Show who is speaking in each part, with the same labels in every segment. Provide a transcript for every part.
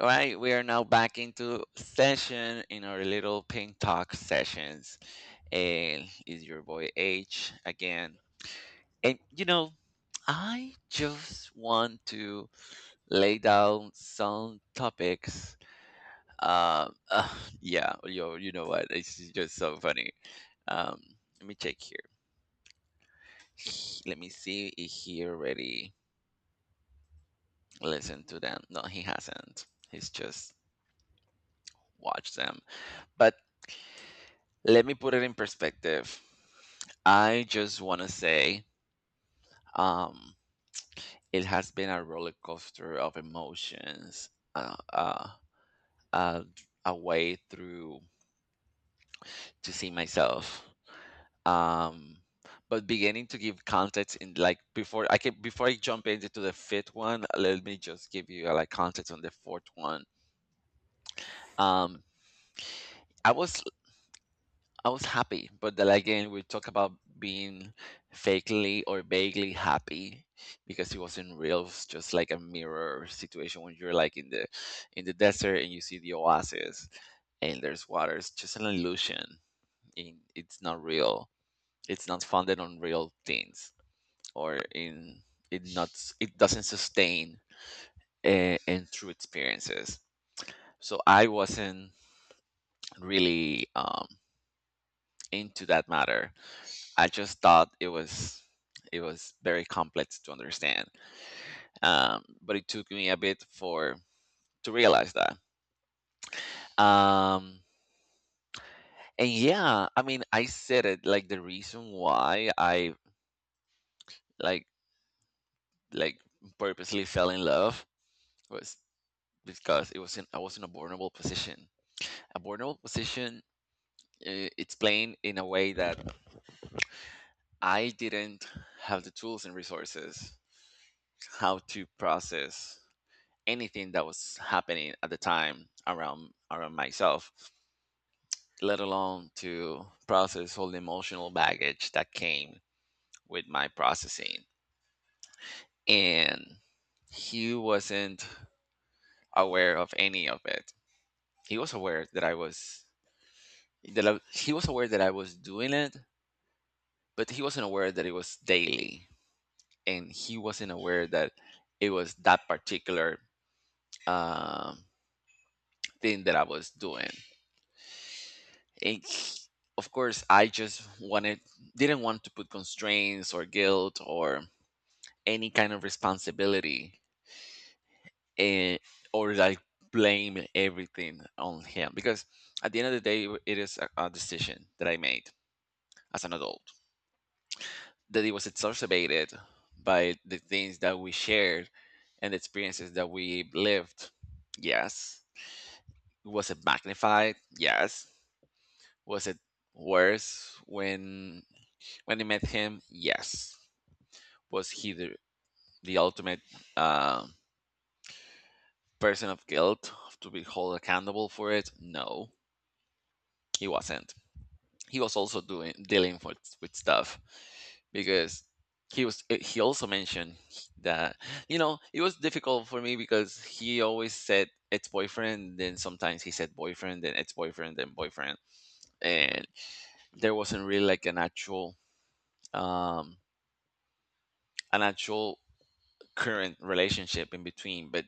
Speaker 1: All right, we are now back into session in our little pink talk sessions. And is your boy H again? And you know, I just want to lay down some topics. Um, uh, yeah, yo, you know what? It's just so funny. Um, Let me check here. Let me see if he already listened to them. No, he hasn't. He's just watched them. But let me put it in perspective. I just want to say um, it has been a roller coaster of emotions, uh, a way through to see myself. Um, but beginning to give context in like before I jump into the fifth one, let me just give you like context on the fourth one. Um, I was I was happy, but then again, we talk about being fakely or vaguely happy because it wasn't real. It's just like a mirror situation when you're like in the desert and you see the oasis and there's water. It's just an illusion. In it's not real. It's not founded on real things or in it not it doesn't sustain and true experiences. So I wasn't really into that matter. I just thought it was very complex to understand. But it took me a bit for to realize that. Um, and yeah, I mean, I said it like the reason why I like like purposely fell in love was because it was in I was in a vulnerable position. A vulnerable position. It's playing in a way that I didn't have the tools and resources how to process anything that was happening at the time around myself, let alone to process all the emotional baggage that came with my processing. And he wasn't aware of any of it. He was aware that I was that I, he was aware that I was doing it, but he wasn't aware that it was daily, and he wasn't aware that it was that particular um, thing that I was doing. It's, of course, I just wanted, didn't want to put constraints or guilt or any kind of responsibility eh, or like blame everything on him because at the end of the day, it is a decision that I made as an adult that it was exacerbated by the things that we shared and the experiences that we lived. Yes. Was it magnified? Yes. Was it worse when I met him? Yes. Was he the ultimate uh, person of guilt to be held accountable for it? No, he wasn't. He was also doing dealing with stuff because he was he also mentioned that you know it was difficult for me because he always said ex-boyfriend, then sometimes he said boyfriend, then ex-boyfriend, then boyfriend, and there wasn't really like um an actual current relationship in between, but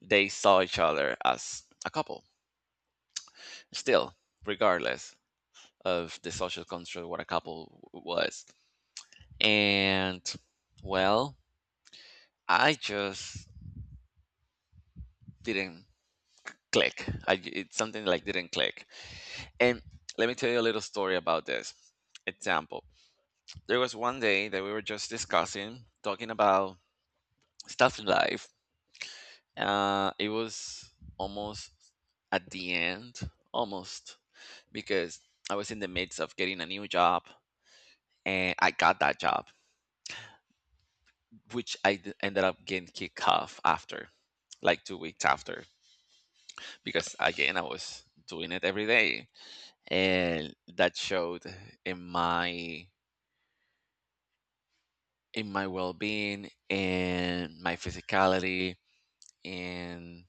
Speaker 1: they saw each other as a couple. Still, regardless of the social construct what a couple was. And well, I just didn't click. It's something like didn't click. And let me tell you a little story about this. Example. There was one day that we were just discussing, talking about stuff in life. It was almost at the end, almost, because I was in the midst of getting a new job and I got that job, which ended up getting kicked off after, like 2 weeks after, because again, I was doing it every day. And that showed in my well-being and my physicality and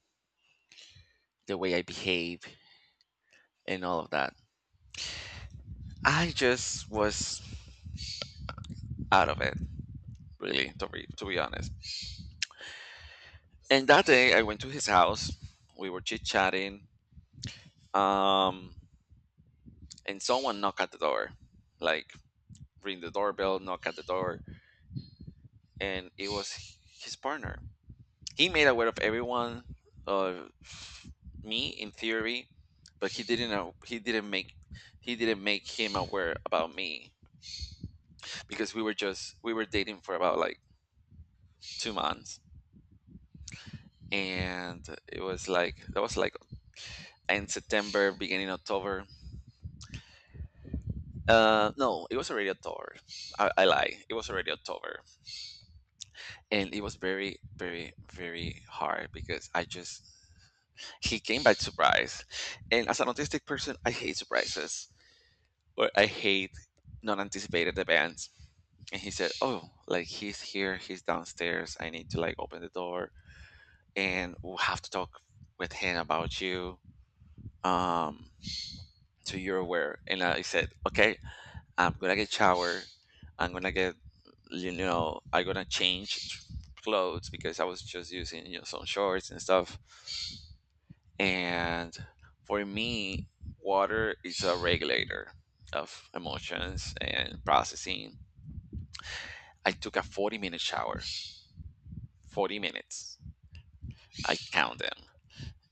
Speaker 1: the way I behave and all of that. I just was out of it, really, to be, honest. And that day, I went to his house. We were chit chatting, um, and someone knocked at the door, like ring the doorbell, knock at the door, and it was his partner. He made aware of everyone, of me in theory, but He didn't make him aware about me because we were dating for about like 2 months, and it was like that was like end September, beginning October. No, it was already October. I lie. It was already October, and it was very, very, very hard because I just he came by surprise, and as an autistic person, I hate surprises or I hate non-anticipated events. And he said, "Oh, like he's here. He's downstairs. I need to like open the door, and we'll have to talk with him about you." Um, so you're aware. And I said, "Okay, I'm gonna get shower. I'm gonna get you know I'm gonna change clothes because I was just using you know some shorts and stuff. And for me, water is a regulator of emotions and processing. I took a 40-minute shower. 40 minutes. I count them.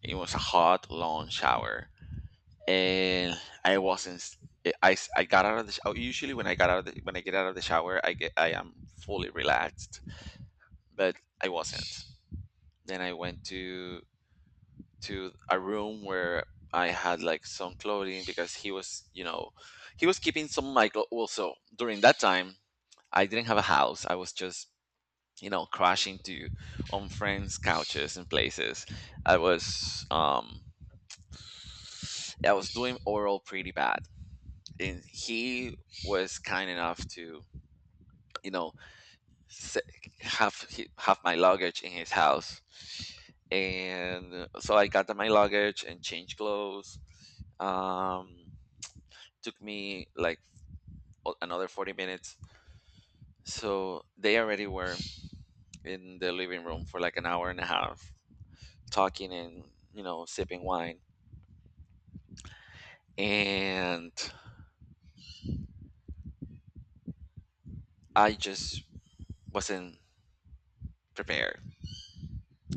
Speaker 1: It was a hot, long shower, and I wasn't. S- I got out of the. Sh- Usually, when I got out of the, when I get out of the shower, I am fully relaxed but I wasn't. Then I went to a room where I had like some clothing because he was, you know, he was keeping some of my clothes. Also, during that time, I didn't have a house. I was just, you know, crashing to on friends' couches and places. I was, um, I was doing oral pretty bad, and he was kind enough to, you know, have have my luggage in his house, and so I got my luggage and changed clothes. Um, Took me like another 40 minutes. So they already were in the living room for like 1.5 hours, talking and you know sipping wine, and I just wasn't prepared.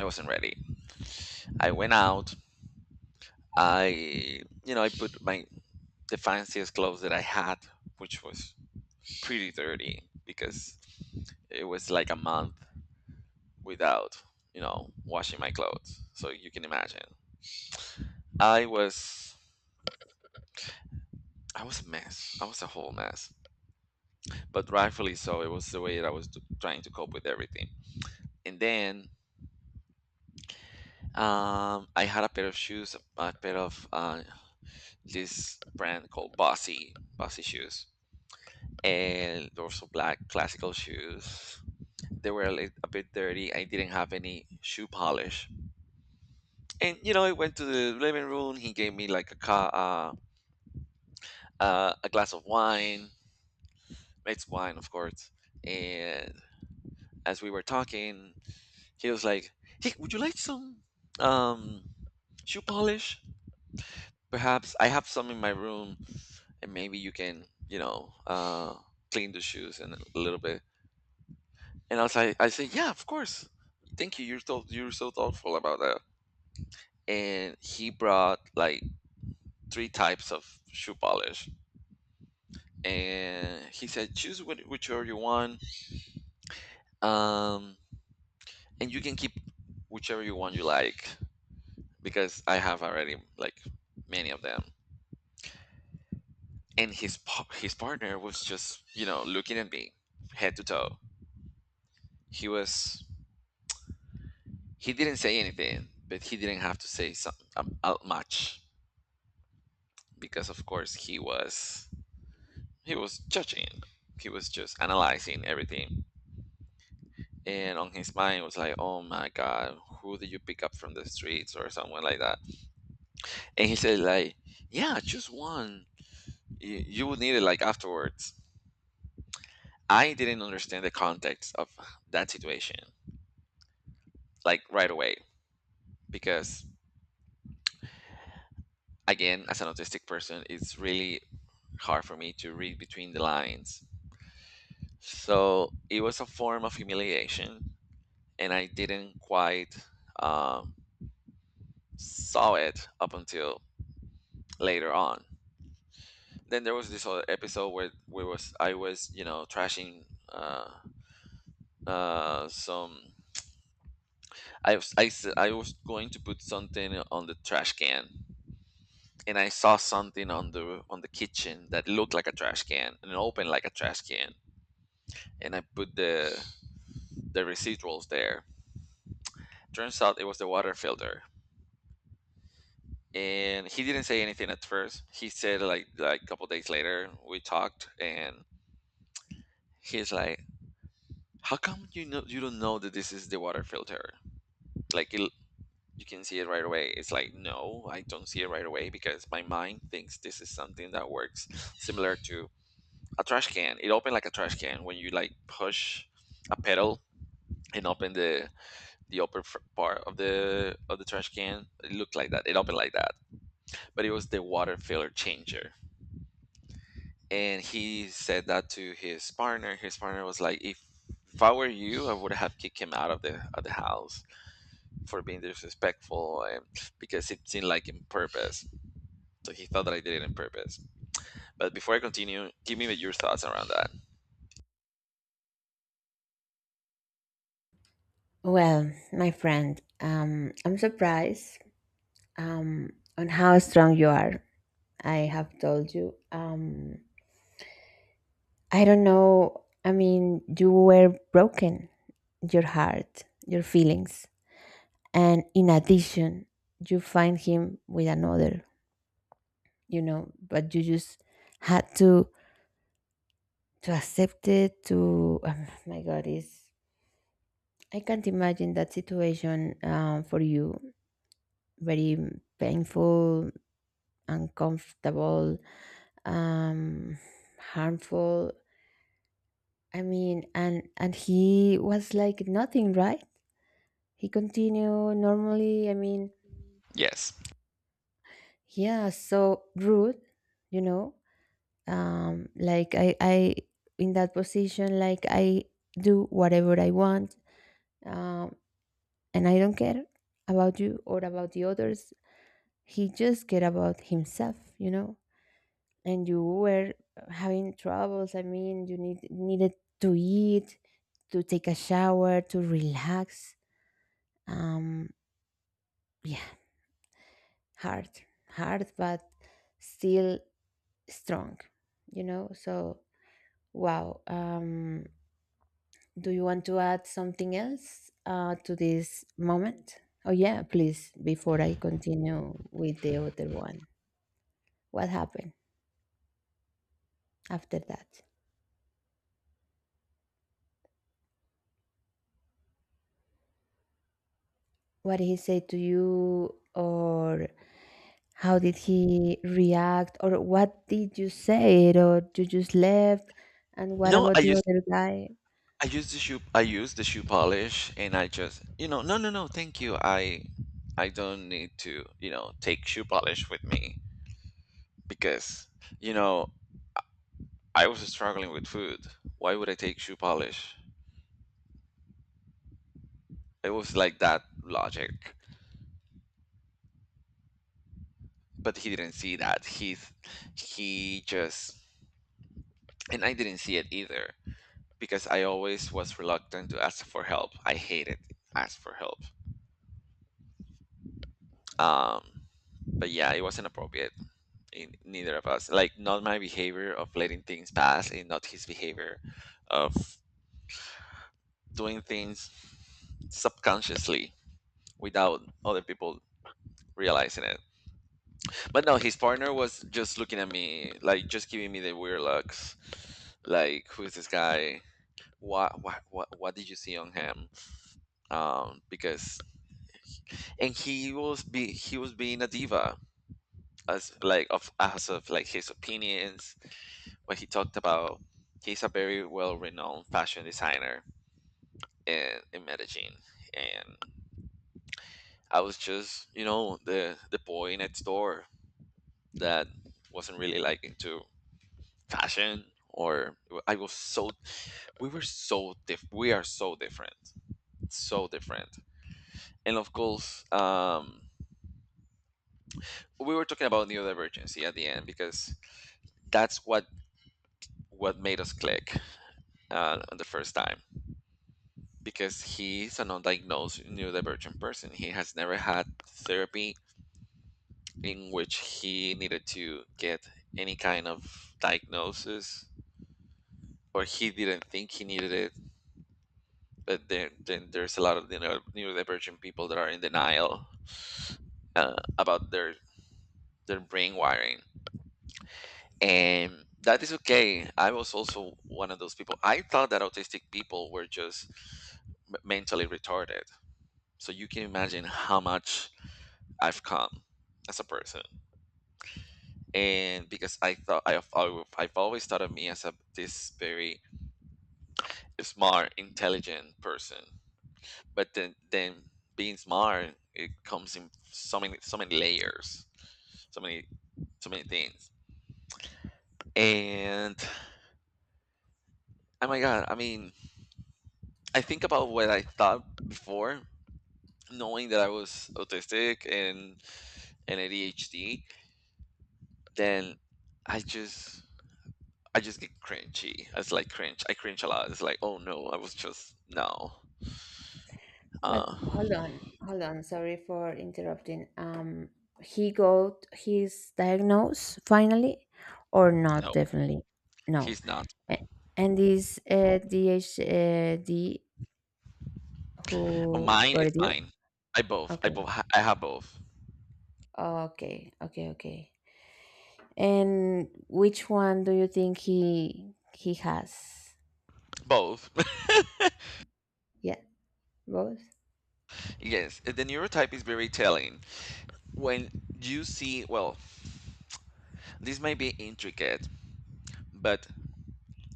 Speaker 1: I wasn't ready. I went out. I, you know, I put my the fanciest clothes that I had, which was pretty dirty because it was like a month without, you know, washing my clothes. So you can imagine. I was I was a mess. I was a whole mess. But rightfully so, it was the way that I was trying to cope with everything. And then I had a pair of shoes, a pair of this brand called Bossy, Bossy shoes, and they're also black classical shoes. They were a bit dirty. I didn't have any shoe polish. And you know, I went to the living room. He gave me like a glass of wine, mixed wine, of course. And as we were talking, he was like, "Hey, would you like some um, shoe polish? Perhaps I have some in my room, and maybe you can, you know, clean the shoes in a little bit." And I was like, "I said, yeah, of course. Thank you. You're so thoughtful about that." And he brought like three types of shoe polish and he said choose what, whichever you want um and you can keep whichever you want you like because I have already like many of them. And his partner was just you know looking at me head to toe. he was he didn't say anything but he didn't have to say much because of course he was judging, he was just analyzing everything, and on his mind was like oh my god who did you pick up from the streets or someone like that. And he said, like, yeah, choose one. You will need it like afterwards. I didn't understand the context of that situation, like right away, because again, as an autistic person, it's really hard for me to read between the lines. So it was a form of humiliation, and I didn't quite um, saw it up until later on. Then there was this other episode where we was I was you know trashing uh, some I was going to put something on the trash can, and I saw something on the kitchen that looked like a trash can and opened like a trash can, and I put the residuals there. Turns out it was the water filter, and he didn't say anything at first. He said like a couple days later we talked, and he's like, "How come you know you don't know that this is the water filter? Like it, you can see it right away." It's like, no, I don't see it right away because my mind thinks this is something that works similar to a trash can. It opened like a trash can when you like push a pedal and open the upper part of the trash can. It looked like that. It opened like that, but it was the water filler changer. And he said that to his partner. His partner was like, if I were you, I would have kicked him out of the house for being disrespectful and because it seemed like in purpose. So he thought that I did it on purpose. But before I continue, give me your thoughts around that.
Speaker 2: Well, my friend, I'm surprised um, on how strong you are. I have told you. I don't know. I mean, you were broken, your heart, your feelings. And in addition, you find him with another, but you just had to accept it to oh my god is I can't imagine that situation for you. Very painful, uncomfortable, um harmful. I mean, and he was like nothing, right? He continued normally, I mean,
Speaker 1: Yes.
Speaker 2: yeah, so rude, you know like I in that position, like I do whatever I want. um and I don't care about you or about the others. He just care about himself, you know. And you were having troubles. I mean, you needed to eat, to take a shower, to relax. Um, yeah, hard, hard, but still strong, you know? So, wow. Do you want to add something else to this moment? Oh, yeah, please, before I continue with the other one. What happened after that? What he said to you, or how did he react, or what did you say, or you just left? And what
Speaker 1: No,
Speaker 2: about the other guy?
Speaker 1: I used the shoe polish and I just, you know, no, no, no, thank you. I don't need to, you know, take shoe polish with me because, you know, I was struggling with food. Why would I take shoe polish? It was like that logic. But he didn't see that. He just and I didn't see it either, because I always was reluctant to ask for help. I hated ask for help. Um, but yeah, it wasn't appropriate in neither of us. Like not my behavior of letting things pass, and not his behavior of doing things subconsciously without other people realizing it. But no, his partner was just looking at me, like just giving me the weird looks, like, who's this guy? What did you see on him? Because and he was be he was being a diva, as like of, as of like his opinions, what he talked about. He's a very well renowned fashion designer in Medellin, and I was just, you know, the boy next door that wasn't really like into fashion or. I was so we are so different, so different. And of course, we were talking about neurodivergency at the end because that's what made us click the first time, because he's an undiagnosed neurodivergent person. He has never had therapy in which he needed to get any kind of diagnosis, or he didn't think he needed it. But then there's a lot of the neurodivergent people that are in denial about their brain wiring. And that is okay. I was also one of those people. I thought that autistic people were just mentally retarded. So you can imagine how much I've come as a person. And because I thought I've always thought of me as a this very smart, intelligent person. But then being smart, it comes in so many layers, so many so many things. And oh my god, I mean, I think about what I thought before knowing that I was autistic and ADHD, then I just I just get cringy. It's like cringe. I cringe a lot. It's like, oh no, I was just no.
Speaker 2: But
Speaker 1: Uh,
Speaker 2: hold on, hold on. Sorry for interrupting. He got his diagnose finally, or not?
Speaker 1: no,
Speaker 2: Definitely, no.
Speaker 1: he's not.
Speaker 2: A- And this DHD
Speaker 1: Oh,
Speaker 2: who
Speaker 1: mine is
Speaker 2: got you?
Speaker 1: mine. I
Speaker 2: Okay.
Speaker 1: both. I have both.
Speaker 2: Okay, okay, okay. And which one do you think he has?
Speaker 1: Both.
Speaker 2: Yeah, both.
Speaker 1: Yes. The neurotype is very telling. When you see, well, this might be intricate, but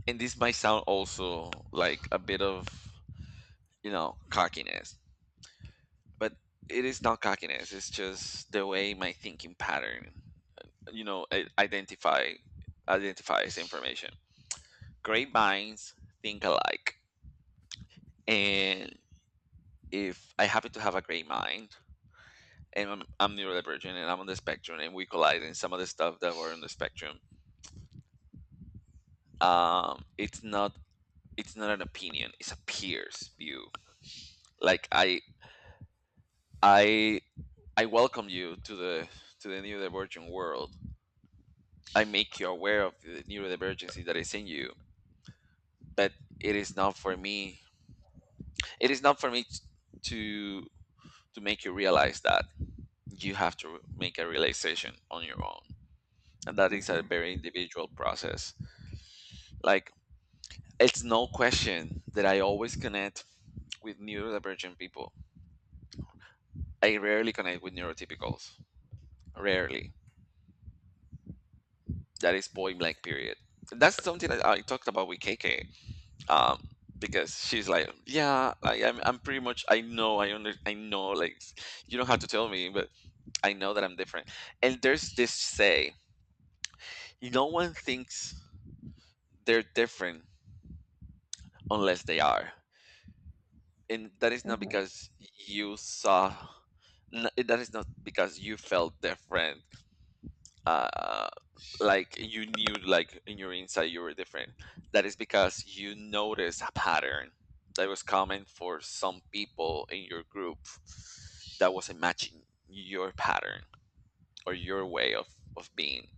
Speaker 1: and this might sound also like a bit of, you know, cockiness, but it is not cockiness. It's just the way my thinking pattern, you know, I- identify identifies information. Great minds think alike, and if I happen to have a great mind and I'm neurodivergent and I'm on the spectrum, and we collide in some of the stuff that were on the spectrum, it's not, it's not an opinion, it's a peer's view. Like i i i welcome you to the neurodivergent world. I make you aware of the neurodivergency that is in you. But it is not for me it is not for me to to make you realize that. You have to make a realization on your own. And that
Speaker 2: Uh
Speaker 1: is a
Speaker 2: huh.
Speaker 1: very individual process. Like, it's no question that I always connect with neurodivergent people. I rarely connect with neurotypicals. Rarely. That is point blank, period. That's something that I talked about with KK. Um, because she's like, yeah, like I'm pretty much, I know, like, you don't have to tell me, but I know that I'm different. And there's this say, no one thinks they're different unless they are. And that is
Speaker 2: Uh
Speaker 1: not
Speaker 2: huh.
Speaker 1: because you saw that is not because you felt different. uh like you knew, like in your inside, you were different. That is because you noticed a pattern that was common for some people in your group that wasn't matching your pattern or your way of being,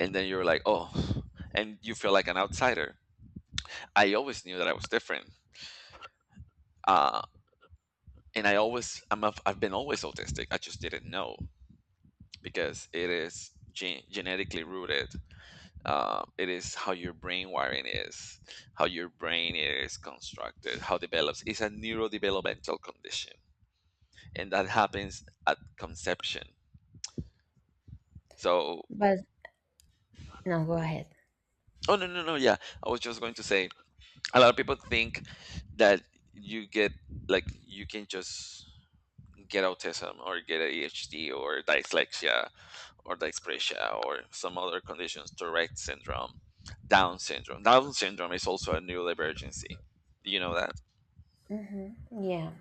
Speaker 1: and then you're like, oh, and you feel like an outsider. I always knew that I was different. Uh and I've been always autistic. I just didn't know because it is genetically rooted. It is how your brain wiring is, how your brain is constructed, how develops. It's a neurodevelopmental condition, and that happens at conception. So,
Speaker 2: But no, go ahead.
Speaker 1: oh no no no yeah, I was just going to say, a lot of people think that you get you can just get autism or get ADHD or dyslexia or dyspraxia or some other conditions, Tourette syndrome, Down syndrome. Down syndrome is also a neurodivergency. Do you know that?
Speaker 2: Mhm. Yeah.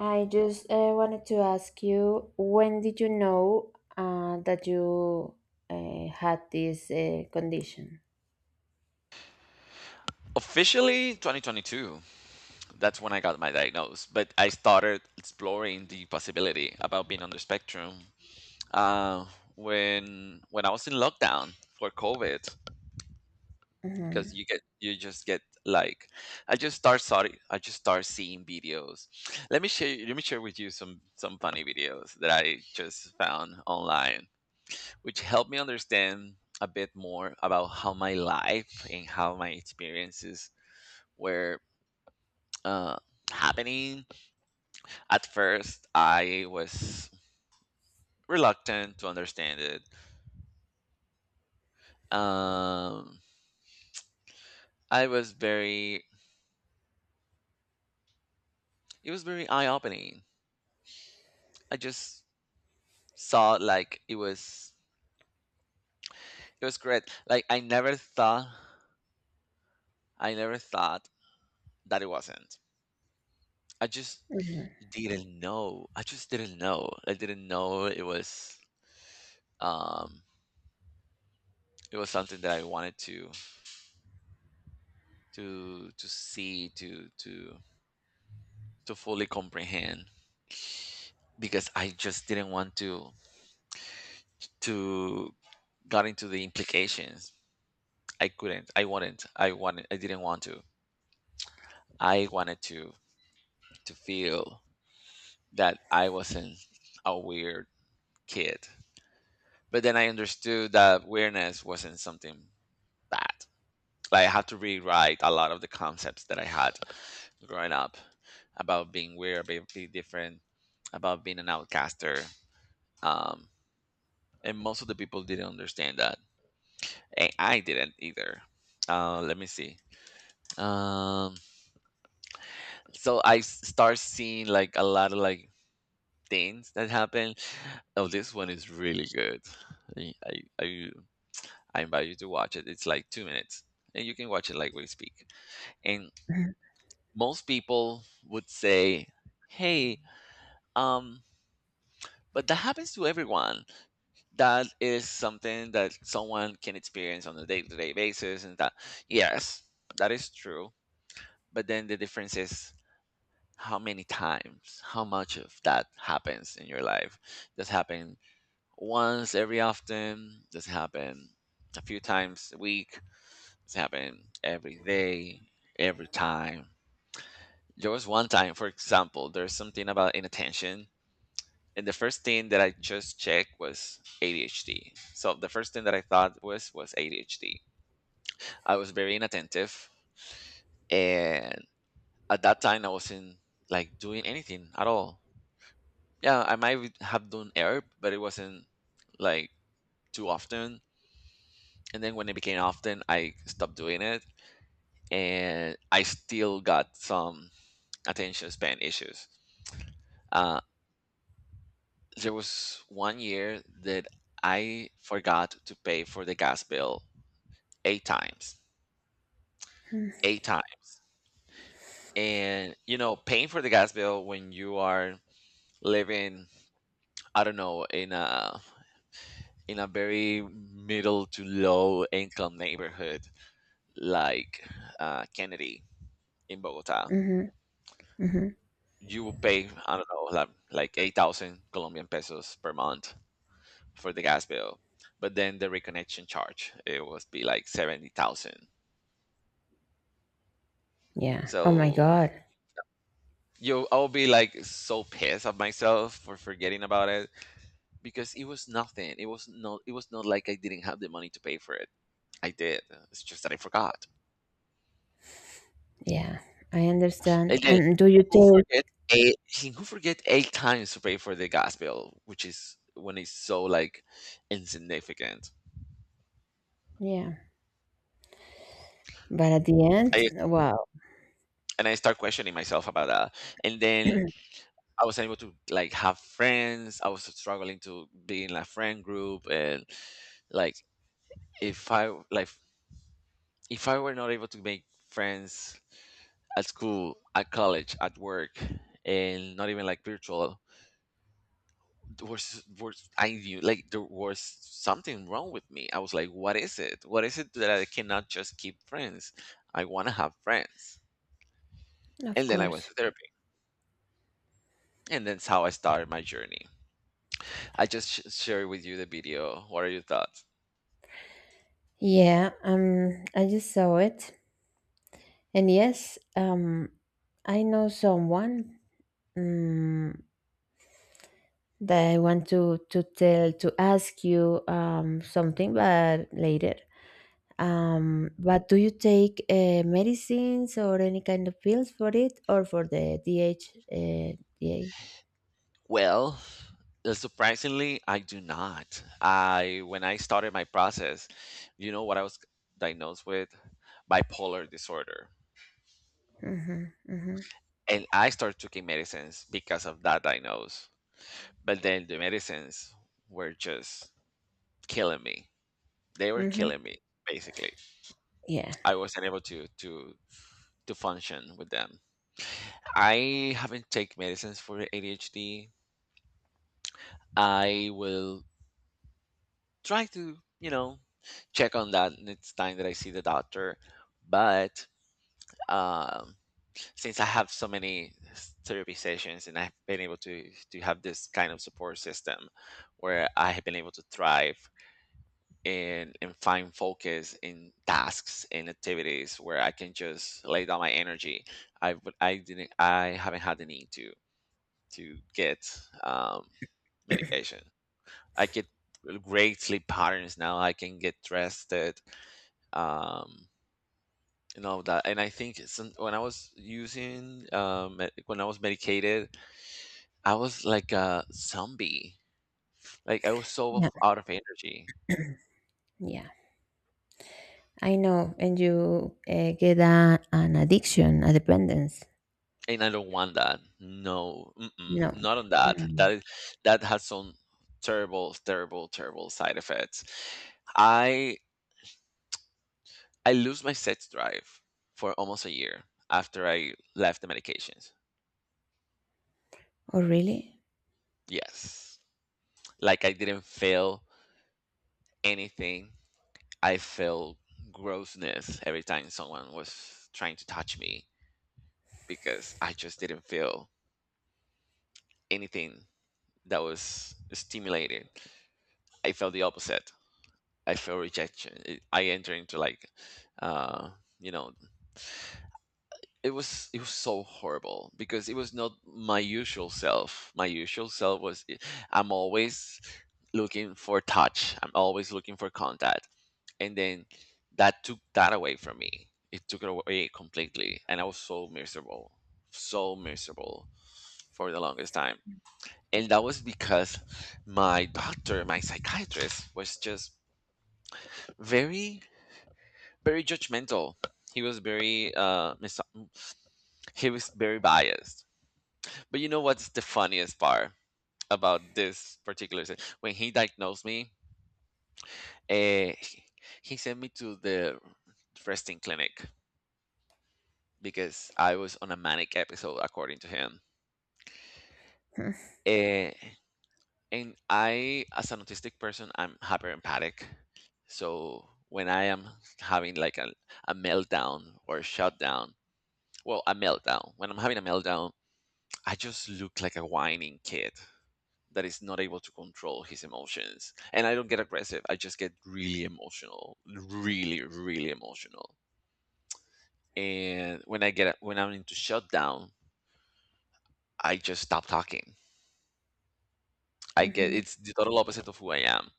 Speaker 2: I just wanted to ask you, when did you know that you had this condition?
Speaker 1: Officially, 2022, that's when I got my diagnosis, but I started exploring the possibility about being on the spectrum uh, when I was in lockdown for COVID,
Speaker 2: Mm-hmm.
Speaker 1: because you just get like, I just start seeing videos. Let me share with you some funny videos that I just found online, which helped me understand a bit more about how my life and how my experiences were uh, happening. At first, I was reluctant to understand it. Um, I was very, it was very eye opening. I just saw like it was great. Like I never thought, I never thought that it wasn't. I just
Speaker 2: Mm-hmm.
Speaker 1: I just didn't know. I didn't know it was. Um, it was something that I wanted to see to fully comprehend because I just didn't want to got into the implications. I couldn't. I wouldn't. I wanted. I didn't want to. I wanted to feel that I wasn't a weird kid. But then I understood that weirdness wasn't something bad. Like I had to rewrite a lot of the concepts that I had growing up about being weird, about being different, about being an outcaster. Um, and most of the people didn't understand that. And I didn't either. Let me see. Um, so start seeing like a lot of like things that happen. Oh, this one is really good. I, I, I I invite you to watch it. It's like 2 minutes and you can watch it like we speak. And most people would say, hey, um, but that happens to everyone. That is something that someone can experience on a day to day basis. And that, yes, that is true. But then the difference is how many times, how much of that happens in your life. Does happen once every often? Does happen a few times a week? Does happen every day, every time? There was one time, for example, there's something about inattention, and the first thing that I just checked was ADHD. So the first thing that I thought was ADHD. I was very inattentive, and at that time I wasn't like doing anything at all. Yeah, I might have done herb, but it wasn't like too often. And then when it became often, I stopped doing it, and I still got some attention span issues. Uh, there was 1 year that I forgot to pay for the gas bill 8 times. 8 times. And, you know, paying for the gas bill when you are living, I don't know, in a very middle to low income neighborhood like Kennedy in Bogota,
Speaker 2: Mhm, mhm.
Speaker 1: you will pay, I don't know, like 8,000 Colombian pesos per month for the gas bill. But then the reconnection charge, it was be like 70,000.
Speaker 2: Yeah. Oh my
Speaker 1: So
Speaker 2: God.
Speaker 1: you I'll be like so pissed at myself for forgetting about it because it was nothing. It was not. It was not like I didn't have the money to pay for it. I did. It's just that I forgot.
Speaker 2: Yeah, I understand.
Speaker 1: Again,
Speaker 2: And do you
Speaker 1: who
Speaker 2: take?
Speaker 1: forget 8? Who forget 8 times to pay for the gas bill, which is when it's so like insignificant.
Speaker 2: Yeah. But at the
Speaker 1: I
Speaker 2: end, wow.
Speaker 1: and I start questioning myself about that. And then I was able to like have friends. I was struggling to be in a friend group, and like, if I like if I were not able to make friends at school, at college, at work, and not even like virtual. There was I knew like there was something wrong with me. I was like, what is it? What is it that I cannot just keep friends? I want to have friends.
Speaker 2: Of
Speaker 1: And then I went
Speaker 2: course.
Speaker 1: to therapy, and that's how I started my journey. I just shared with you the video. What are your thoughts?
Speaker 2: Yeah, I just saw it. And yes, I know someone um, that I want to tell to ask you something, but later. But do you take medicines or any kind of pills for it, or for the DH, D A?
Speaker 1: Well, surprisingly, I do not. I When I started my process, you know what I was diagnosed with? Bipolar disorder.
Speaker 2: Mhm, mhm,
Speaker 1: And I started taking medicines because of that diagnosis. But then the medicines were just killing me. They were
Speaker 2: mhm.
Speaker 1: killing me basically.
Speaker 2: Yeah,
Speaker 1: I wasn't able to function with them. I haven't taken medicines for ADHD. I will try to check on that next time that I see the doctor. But um, since I have so many therapy sessions and I've been able to have this kind of support system where I have been able to thrive and find focus in tasks and activities where I can just lay down my energy. I would I didn't I haven't had the need to get um, medication. I get great sleep patterns now. I can get rested. Um, and all of that. And I think some, when I was using, when I was medicated, I was like a zombie. Like I was so
Speaker 2: yeah,
Speaker 1: out of energy,
Speaker 2: yeah. I know. And you get a, an addiction, a dependence.
Speaker 1: and I don't want that. No, mm-mm,
Speaker 2: No.
Speaker 1: not on that. That
Speaker 2: Mm.
Speaker 1: is that has some terrible, terrible, terrible side effects. I I lose my sex drive for almost a year after I left the medications.
Speaker 2: Oh, really?
Speaker 1: Yes, like I didn't feel anything I felt grossness every time someone was trying to touch me because I just didn't feel anything that was stimulating. I felt the opposite. I felt rejection. It, I entered into like, uh, you know, it was so horrible because it was not my usual self. My usual self was I'm always looking for touch. I'm always looking for contact, and then that took that away from me. It took it away completely, and I was so miserable, so miserable, for the longest time. And that was because my doctor, my psychiatrist, was just very, very judgmental. He was very he was very biased. But you know what's the funniest part about this particular thing? When he diagnosed me, uh, he he sent me to the resting clinic because I was on a manic episode, according to him.
Speaker 2: Mm-hmm.
Speaker 1: Eh, and I, as an autistic person, I'm hyper empathic. So when I am having like a meltdown or a shutdown, well, a meltdown, when I'm having a meltdown, I just look like a whining kid that is not able to control his emotions. And I don't get aggressive, I just get really emotional, really, really emotional. And when I get when I'm into shutdown, I just stop talking. I get
Speaker 2: Mm-hmm.
Speaker 1: it's the total opposite of who I am.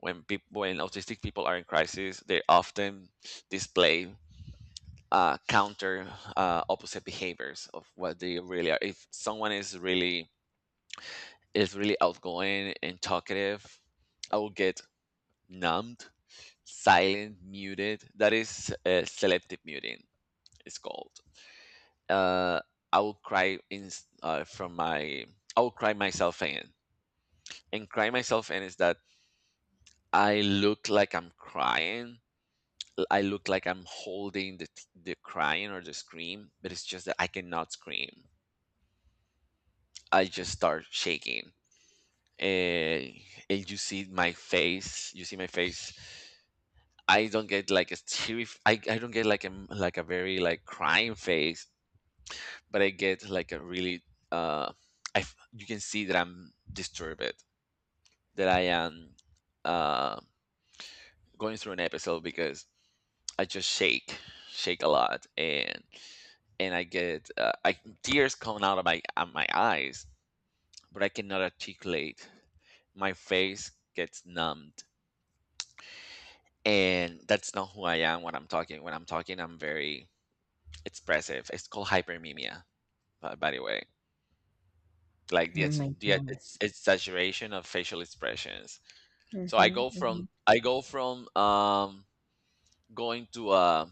Speaker 1: When people, when autistic people are in crisis, they often display counter opposite behaviors of what they really are. If someone is really outgoing and talkative, I will get numbed, silent, muted. That is selective muting. It's called. Uh, I will cry in from my. I will cry myself in, and cry myself in is that I look like I'm crying. I look like I'm holding the crying or the scream, but it's just that I cannot scream. I just start shaking, and, and you see my face. You see my face. I don't get like a teary. I don't get like like a very like crying face, but I get like a really uh. You can see that I'm disturbed. That I am uh going through an episode because I just shake, shake a lot, and I get tears coming out of my eyes, but I cannot articulate. My face gets numbed, and that's not who I am when I'm talking. When I'm talking, I'm very expressive. It's called hypermimia, by the way. Like
Speaker 2: Oh my God.
Speaker 1: exaggeration of facial expressions. So
Speaker 2: Mm-hmm, mm-hmm.
Speaker 1: I go from going to a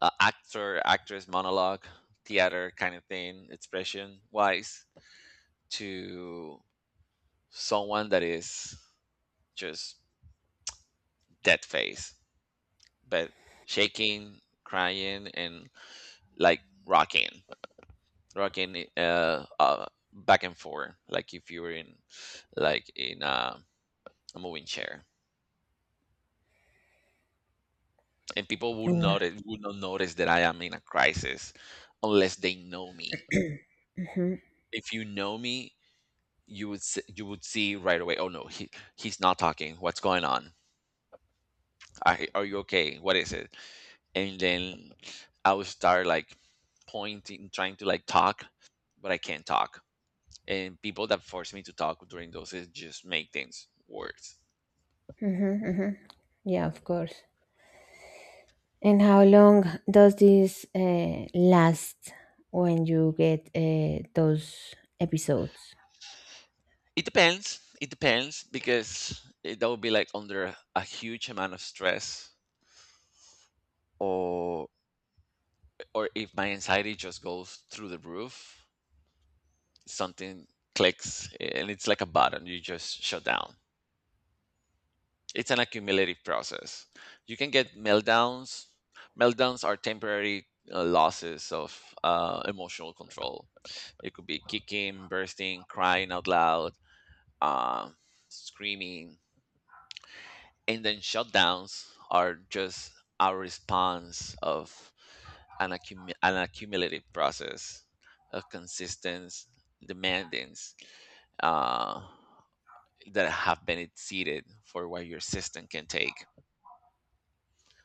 Speaker 1: actor actress monologue theater kind of thing expression wise to someone that is just dead face but shaking, crying, and like rocking, rocking back and forth like if you were in like in a moving chair. And people would
Speaker 2: Hmm.
Speaker 1: notice would not notice that I am in a crisis unless they know me. If you know me, you would you would see right away, oh no, he he's not talking, what's going on, are you okay, what is it. And then I would start like pointing, trying to like talk, but I can't talk. And people that force me to talk during those is just make things worse.
Speaker 2: Hmm. Hmm. Yeah, of course. And how long does this last when you get those episodes?
Speaker 1: It depends, it depends, because it, that would be like under a huge amount of stress or or if my anxiety just goes through the roof, something clicks and it's like a button, you just shut down. It's an accumulative process. You can get meltdowns. Meltdowns are temporary losses of emotional control. It could be kicking, bursting, crying out loud, uh, screaming. And then shutdowns are just our response of an accumulative process of consistent demandings uh, that have been exceeded for what your system can take.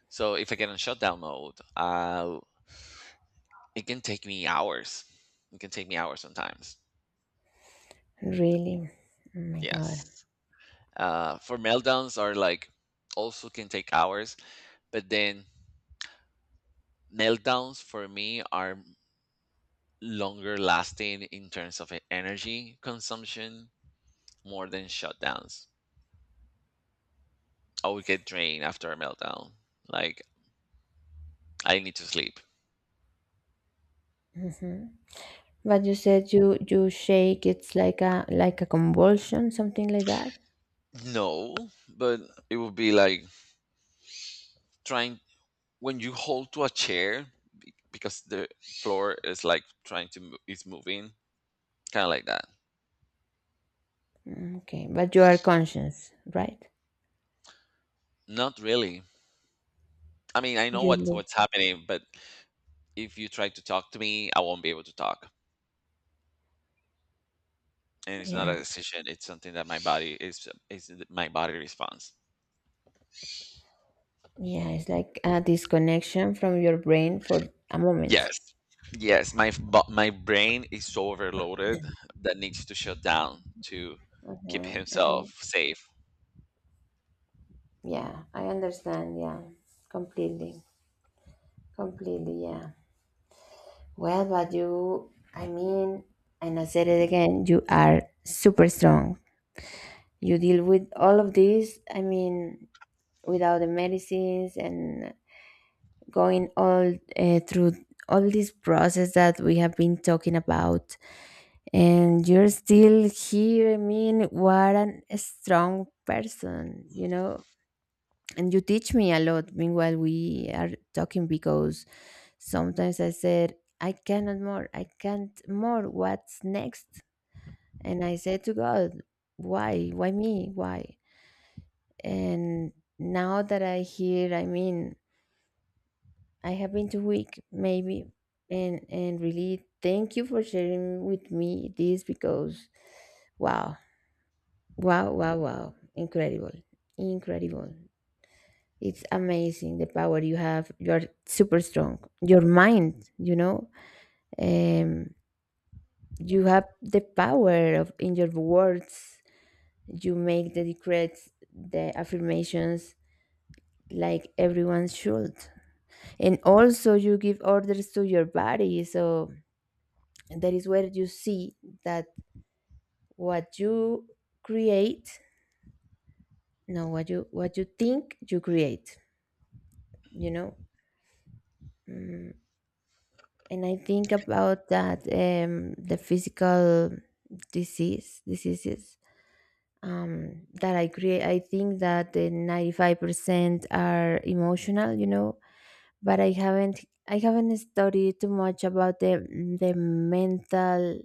Speaker 1: So if I get in shutdown mode, it can take me hours. It can take me hours sometimes.
Speaker 2: Really? Oh my God.
Speaker 1: Yes. For meltdowns are like also can take hours, but then meltdowns for me are longer lasting in terms of energy consumption more than shutdowns. I would get drained after a meltdown. Like I need to sleep.
Speaker 2: Hmm. But you said you you shake. It's like a convulsion, something like that.
Speaker 1: No, but it would be like trying when you hold to a chair because the floor is like trying is moving, kind of like that.
Speaker 2: Mm. Okay, but you are conscious, right?
Speaker 1: Not really. I mean, I know
Speaker 2: You,
Speaker 1: what's
Speaker 2: lo-
Speaker 1: happening, but if you try to talk to me, I won't be able to talk. And it's not a
Speaker 2: yeah.
Speaker 1: decision, it's something that my body is my body response.
Speaker 2: Yeah, it's like a disconnection from your brain for a moment.
Speaker 1: Yes. Yes, my my brain is so overloaded that needs to shut down to keep
Speaker 2: Uh-huh, uh-huh.
Speaker 1: himself safe.
Speaker 2: Yeah, I understand. Yeah, completely. Completely, yeah. Well, but you, I mean, and I said it again, you are super strong. You deal with all of this, I mean, without the medicines and going all through all this process that we have been talking about, and you're still here. I mean, what an a strong person, you know. And you teach me a lot. Meanwhile, we are talking because sometimes I said, I cannot more, I can't more. What's next? And I said to God, why? Why me? Why? And now that I hear, I mean, I have been too weak, maybe, and really thank you for sharing with me this because wow. Wow, wow, wow. Incredible. Incredible. It's amazing the power you have. You're super strong. Your mind, you know, um, you have the power of in your words. You make the decrees, the affirmations like everyone should. And also you give orders to your body. So that is where you see that what you create, no, what you think you create, you know. Mm, and I think about that the physical diseases that I create. I think that the 95% are emotional, you know, but I haven't studied too much about the mental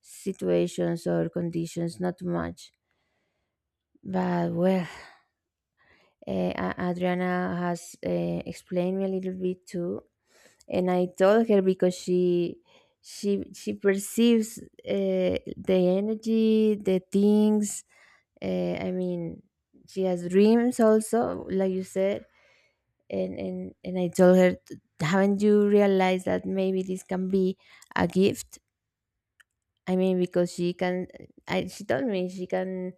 Speaker 2: situations or conditions, not too much. But well, Adriana has explained me a little bit too, and I told her because she perceives the energy, the things. I mean, she has dreams also, like you said, and and I told her, haven't you realized that maybe this can be a gift? I mean, because she can. I, she told me she can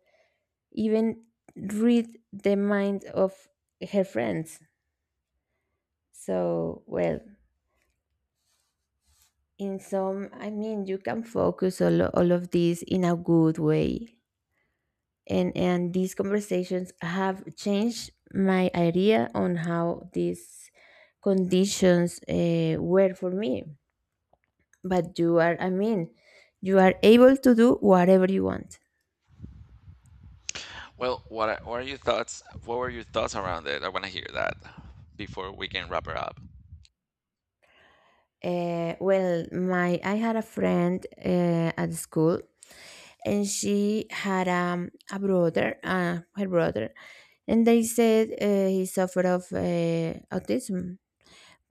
Speaker 2: even read the mind of her friends. So well, in some, I mean, you can focus all of this in a good way, and these conversations have changed my idea on how these conditions were for me, but you are, I mean, you are able to do whatever you want.
Speaker 1: Well, what are your thoughts, what were your thoughts around it, I want to hear that before we can wrap her up.
Speaker 2: Well, my I had a friend at school, and she had a brother her brother and they said he suffered of autism.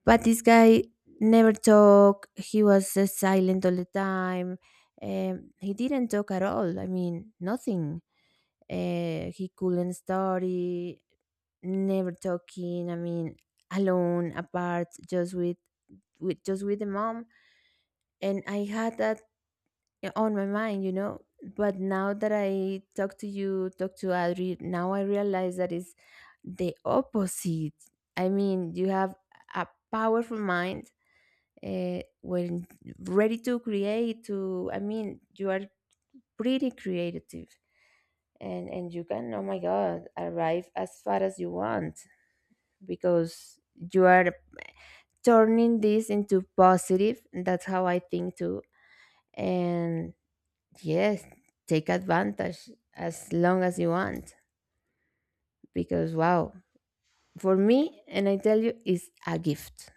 Speaker 2: But this guy never talked. He was silent all the time. He didn't talk at all. I mean, nothing. He couldn't study. Never talking. I mean, alone, apart, just with just with the mom. And I had that on my mind, you know. But now that I talk to you, talk to Adri, now I realize that it's the opposite. I mean, you have a powerful mind when ready to create to I mean you are pretty creative, and you can oh my god arrive as far as you want because you are turning this into positive. That's how I think too. And yes, take advantage as long as you want because wow, for me, and I tell you, it's a gift.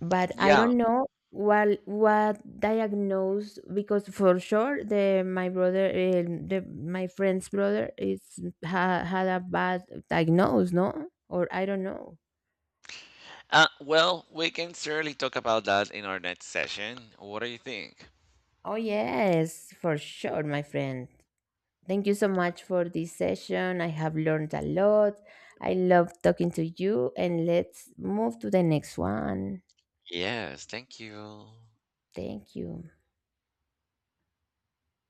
Speaker 2: But I
Speaker 1: Yeah.
Speaker 2: don't know what diagnosed because for sure the my brother, eh, the my friend's brother is, ha, had a bad diagnose, no, or I don't know.
Speaker 1: Well, we can certainly talk about that in our next session. What do you think?
Speaker 2: Oh yes, for sure, my friend. Thank you so much for this session. I have learned a lot. I love talking to you, and let's move to the next one.
Speaker 1: Yes, thank you.
Speaker 2: Thank you.